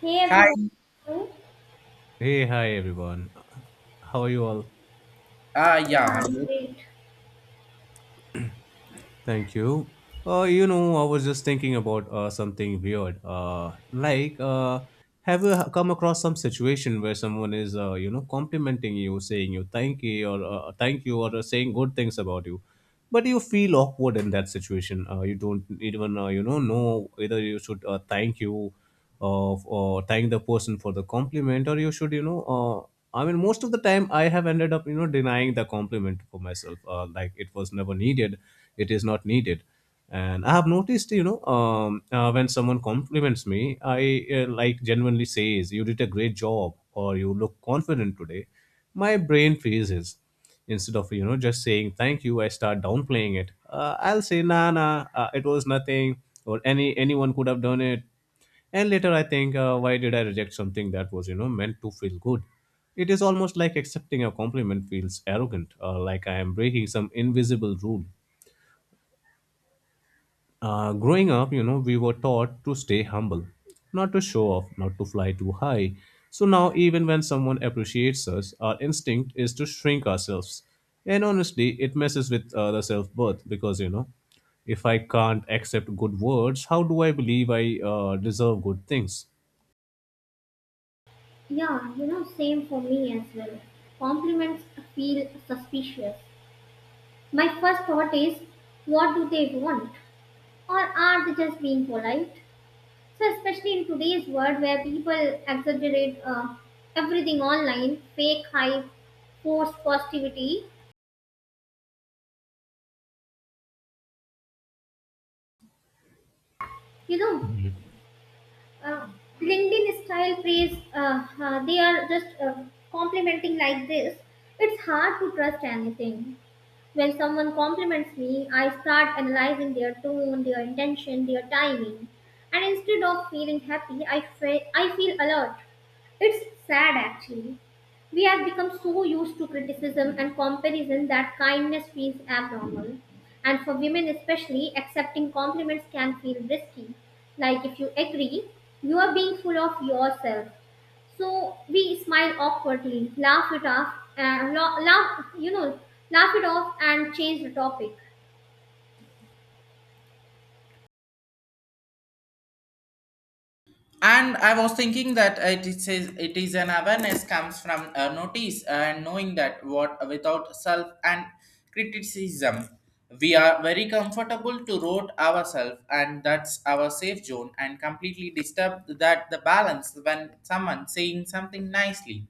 Hey everyone, Hi. how Hey, hi everyone. How are you all? Yeah, Yeah, I'm I'm good. great. Thank you. I was just thinking about something weird. Have you come across some situation where someone is, complimenting you, saying you thank you or saying good things about you, but you feel awkward in that situation. You don't even, know whether you should thank you of or thank the person for the compliment, or you should, I mean, most of the time I have ended up, denying the compliment for myself. Like, it was never needed, it is not needed. And I have noticed, when someone compliments me, I like genuinely says you did a great job or you look confident today, my brain freezes. Instead of, just saying thank you, I start downplaying it. I'll say, "Nah, nah, it was nothing," or anyone could have done it. And later I think, why did I reject something that was, meant to feel good? It is almost like accepting a compliment feels arrogant, like I am breaking some invisible rule. Growing up, we were taught to stay humble, not to show off, not to fly too high. So now, even when someone appreciates us, our instinct is to shrink ourselves. And honestly, it messes with the self worth, because, if I can't accept good words, how do I believe I deserve good things? Yeah, you know, same for me as well. Compliments feel suspicious. My first thought is, what do they want? Or are they just being polite? So, especially in today's world where people exaggerate everything online, fake hype, forced positivity, you know, Mhm. uh, LinkedIn style praise, they are just complimenting like this. It's hard to trust anything. When someone compliments me, I start analyzing their tone, their intention, their timing. And instead of feeling happy, I feel alert. It's sad, actually. We have become so used to criticism and comparison that kindness feels abnormal. And for women especially, accepting compliments can feel risky. Like if you agree, you are being full of yourself. So we smile awkwardly, laugh it off, laugh it off and change the topic. And I was thinking that it is an awareness comes from a notice and knowing that what without self and criticism we are very comfortable to rote ourselves, and that's our safe zone and completely disturb that the balance when someone saying something nicely.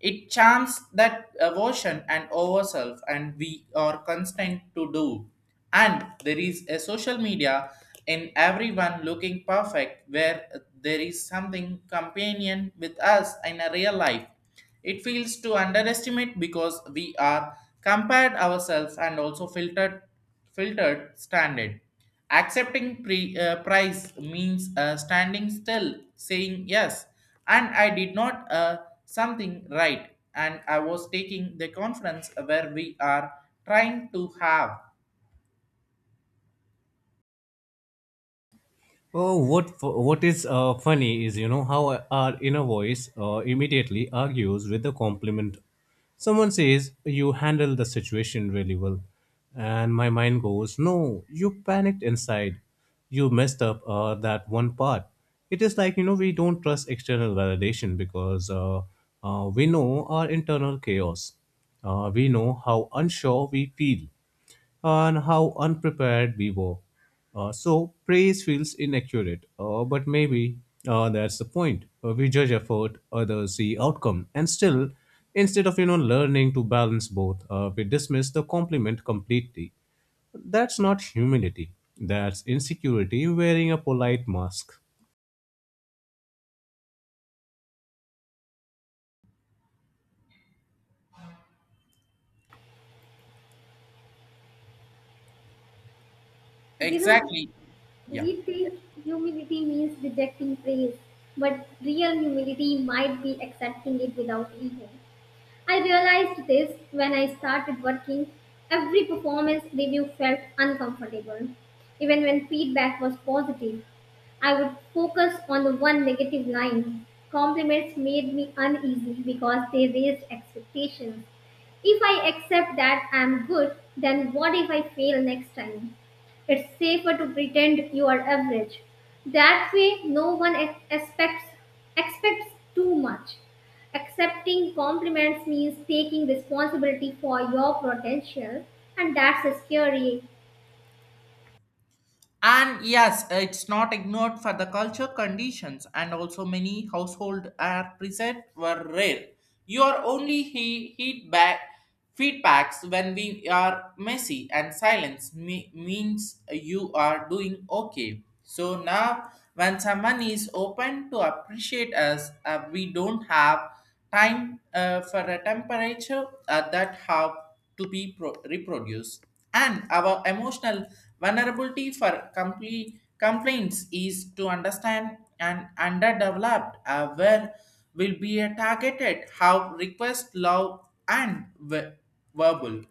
It charms that aversion and ourself, and we are constant to do. And there is a social media in everyone looking perfect, where there is something companion with us in a real life. It feels to underestimate because we are compared ourselves and also filtered standard. Accepting price means standing still, saying yes, and I did not something right, and I was taking the conference where we are trying to have Oh, what is funny is, you know, how our inner voice immediately argues with the compliment. Someone says you handled the situation really well, and my mind goes, "No, you panicked inside. You messed up that one part." It is like, you know, we don't trust external validation because we know our internal chaos. We know how unsure we feel and how unprepared we were. So praise feels inaccurate, but maybe that's the point. We judge effort, others see outcome, and still, instead of, learning to balance both, we dismiss the compliment completely. That's not humility. That's insecurity wearing a polite mask. You know, exactly, yeah. we think humility means rejecting praise, but real humility might be accepting it without ego. I realized this when I started working. Every performance review felt uncomfortable. Even when feedback was positive, I would focus on the one negative line. Compliments made me uneasy because they raised expectations. If I accept that I am good, then what if I fail next time? It's safer to pretend you are average. That way, no one expects too much. Accepting compliments means taking responsibility for your potential, and that's scary. And yes, it's not ignored for the culture conditions, and also many household are present were rare. Your only heat back feedbacks when we are messy and silence means you are doing okay. So now, when someone is open to appreciate us, we don't have time for a temperature that have to be reproduced, and our emotional vulnerability for complete complaints is to understand and underdeveloped where will be a targeted how request love and verbal,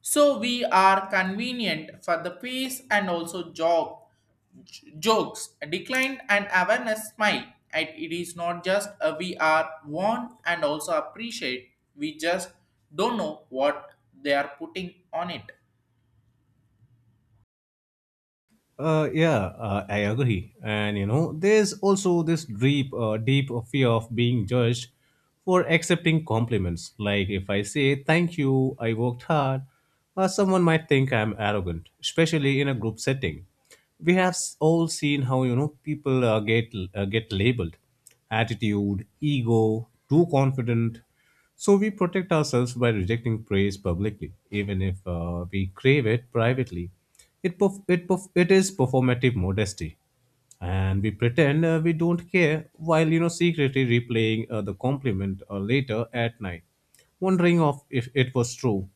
so we are convenient for the peace and also jog, jokes, decline and awareness smile. And it is not just a we are warned and also appreciate. We just don't know what they are putting on it. Yeah, I agree. And, you know, there's also this deep fear of being judged for accepting compliments. Like, if I say thank you, I worked hard, someone might think I'm arrogant. Especially in a group setting, we have all seen how, you know, people get labeled: attitude, ego, too confident. So we protect ourselves by rejecting praise publicly, even if we crave it privately. It is performative modesty, and we pretend we don't care, while, you know, secretly replaying the compliment later at night, wondering of if it was true.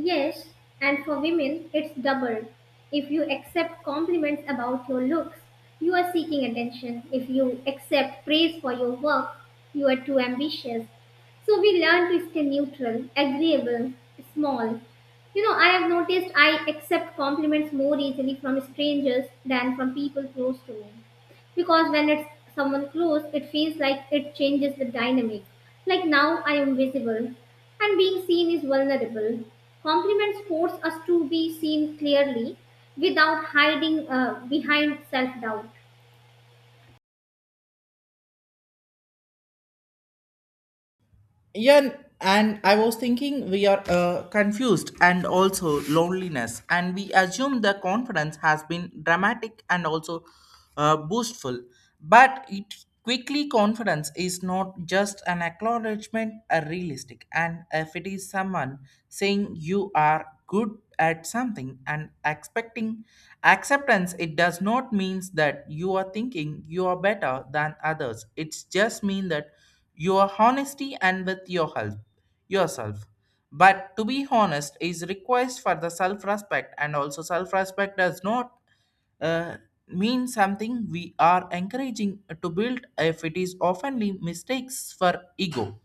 Yes, and for women, it's double. If you accept compliments about your looks, you are seeking attention. If you accept praise for your work, you are too ambitious. So we learn to stay neutral, agreeable, small. You know, I have noticed I accept compliments more easily from strangers than from people close to me, because when it's someone close, it feels like it changes the dynamic. Like now I am visible, and being seen is vulnerable. Compliments force us to be seen clearly without hiding behind self-doubt. Yeah, and I was thinking we are confused and also loneliness, and we assume the conference has been dramatic and also boastful, but it quickly confidence is not just an acknowledgement, a realistic, and if it is someone saying you are good at something and expecting acceptance, it does not means that you are thinking you are better than others. It's just mean that your honesty and with your help yourself, but to be honest is request for the self respect, and also self respect does not uh, mean something we are encouraging to build if it is oftenly mistakes for ego.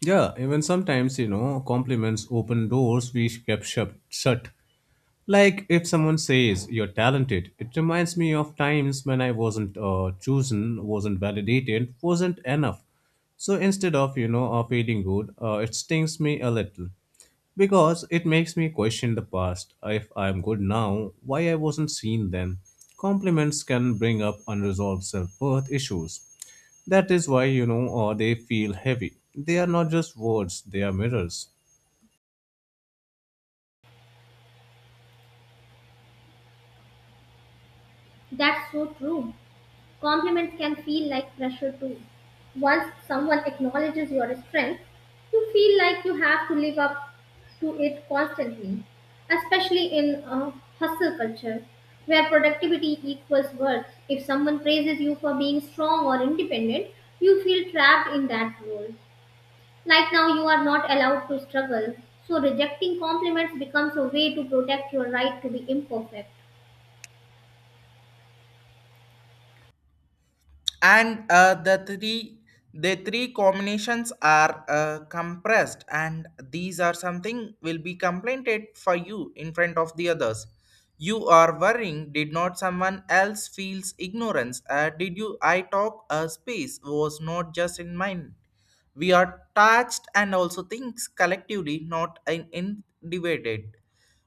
Yeah, even sometimes, you know, compliments open doors we kept shut. Like if someone says you're talented, it reminds me of times when I wasn't chosen, wasn't validated, wasn't enough. So instead of, feeling good, it stings me a little, because it makes me question the past. If I'm good now, why I wasn't seen then? Compliments can bring up unresolved self-worth issues. That is why, they feel heavy. They are not just words; they are mirrors. That's so true. Compliments can feel like pressure too. Once someone acknowledges your strength, you feel like you have to live up to it constantly, especially in a hustle culture where productivity equals worth. If someone praises you for being strong or independent, you feel trapped in that role. Like now, you are not allowed to struggle. So, rejecting compliments becomes a way to protect your right to be imperfect. And the three combinations are compressed, and these are something will be complained for you in front of the others. You are worrying did not someone else feels ignorance, did you I talk a space was not just in mind. We are touched and also thinks collectively not in divided,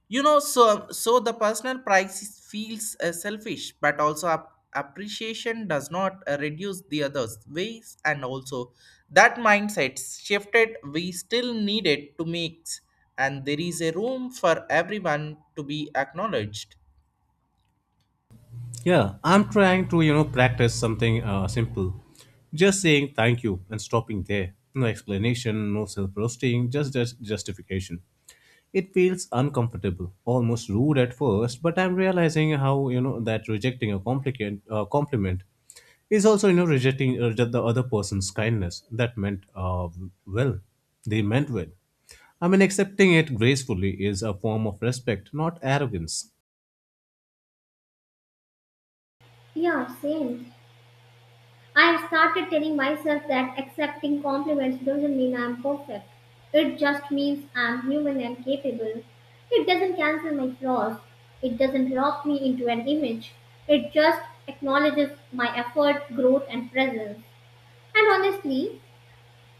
you know. So the personal price feels selfish, but also appreciation does not reduce the others ways, and also that mindset shifted we still need it to mix, and there is a room for everyone to be acknowledged. Yeah, I'm trying to, you know, practice something simple. Just saying thank you and stopping there. No explanation, no self roasting, just justification. It feels uncomfortable, almost rude at first, but I'm realizing how, you know, that rejecting a compliment is also, you know, rejecting the other person's kindness that meant well. They meant well. I mean, accepting it gracefully is a form of respect, not arrogance. Yeah, same. I have started telling myself that accepting compliments doesn't mean I'm perfect. It just means I'm human and capable. It doesn't cancel my flaws. It doesn't lock me into an image. It just acknowledges my effort, growth, and presence. And honestly,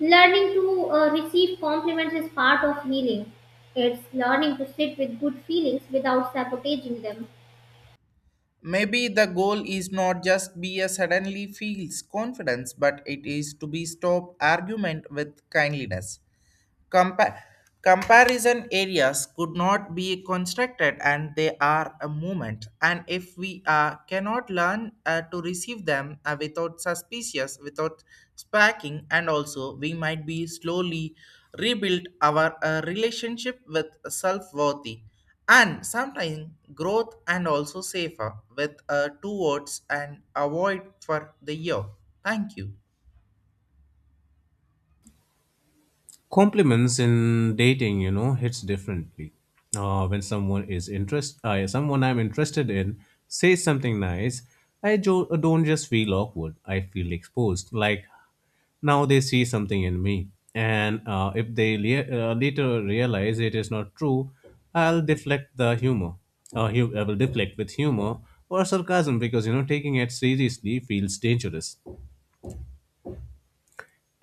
learning to receive compliments is part of healing. It's learning to sit with good feelings without sabotaging them. Maybe the goal is not just be a suddenly feels confidence, but it is to be stop argument with kindliness. Compa- Comparison areas could not be constructed, and they are a movement, and if we cannot learn to receive them without suspicious, without sparking, and also we might be slowly rebuild our relationship with self-worthy. And sometimes growth and also safer with two words, and avoid for the year. Thank you. Compliments in dating, you know, hits differently. When someone is interest Someone I'm interested in says something nice. I don't just feel awkward, I feel exposed. Like, now they see something in me, and if later realize it is not true, i'll deflect the humor I will deflect with humor or sarcasm, because, you know, taking it seriously feels dangerous.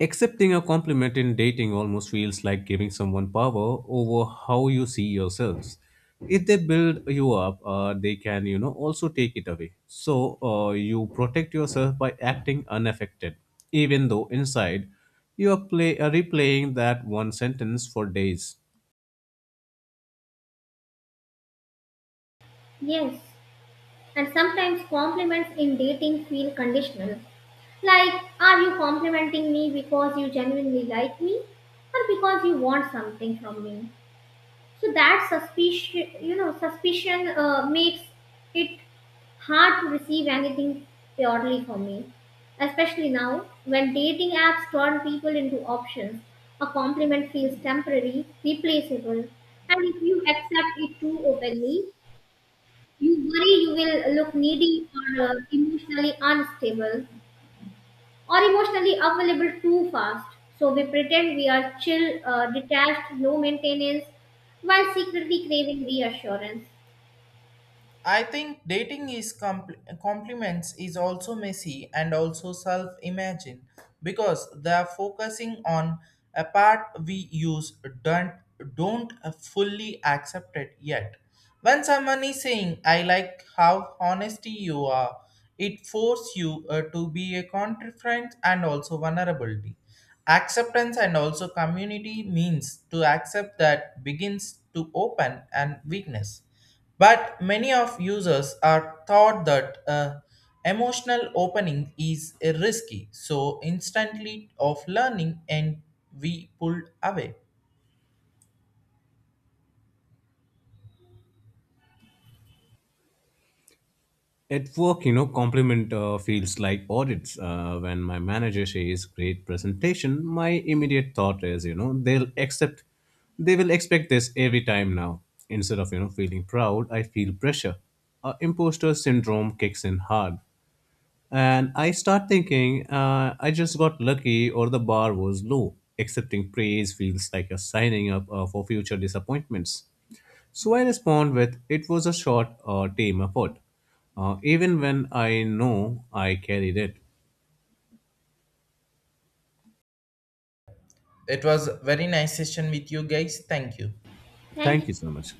Accepting a compliment in dating almost feels like giving someone power over how you see yourselves. If they build you up, they can, you know, also take it away. So you protect yourself by acting unaffected, even though inside you are play replaying that one sentence for days. Yes. And sometimes compliments in dating feel conditional. Like, are you complimenting me because you genuinely like me, or because you want something from me? So that suspicion makes it hard to receive anything purely from me. Especially now, when dating apps turn people into options, a compliment feels temporary, replaceable, and if you accept it too openly, you worry you will look needy, or emotionally unstable, or emotionally available too fast. So we pretend we are chill, detached, low maintenance, while secretly craving reassurance. I think dating is compliments is also messy and also self imagine, because they are focusing on a part we use don't don't fully accept it yet. When someone is saying I like how honesty you are, it forces you to be a confident and also vulnerability. Acceptance and also community means to accept that begins to open and weakness, but many of users are thought that emotional opening is risky, so instantly of learning and we pulled away. At work, you know, compliment feels like audits. When my manager says great presentation, my immediate thought is, you know, they will expect this every time now. Instead of, you know, feeling proud, I feel pressure. Imposter syndrome kicks in hard. And I start thinking, I just got lucky or the bar was low. Accepting praise feels like a signing up for future disappointments. So I respond with, "It was a tame effort," even when I know I carried it. It was a very nice session with you guys. Thank you. Thank Thank you so you. much.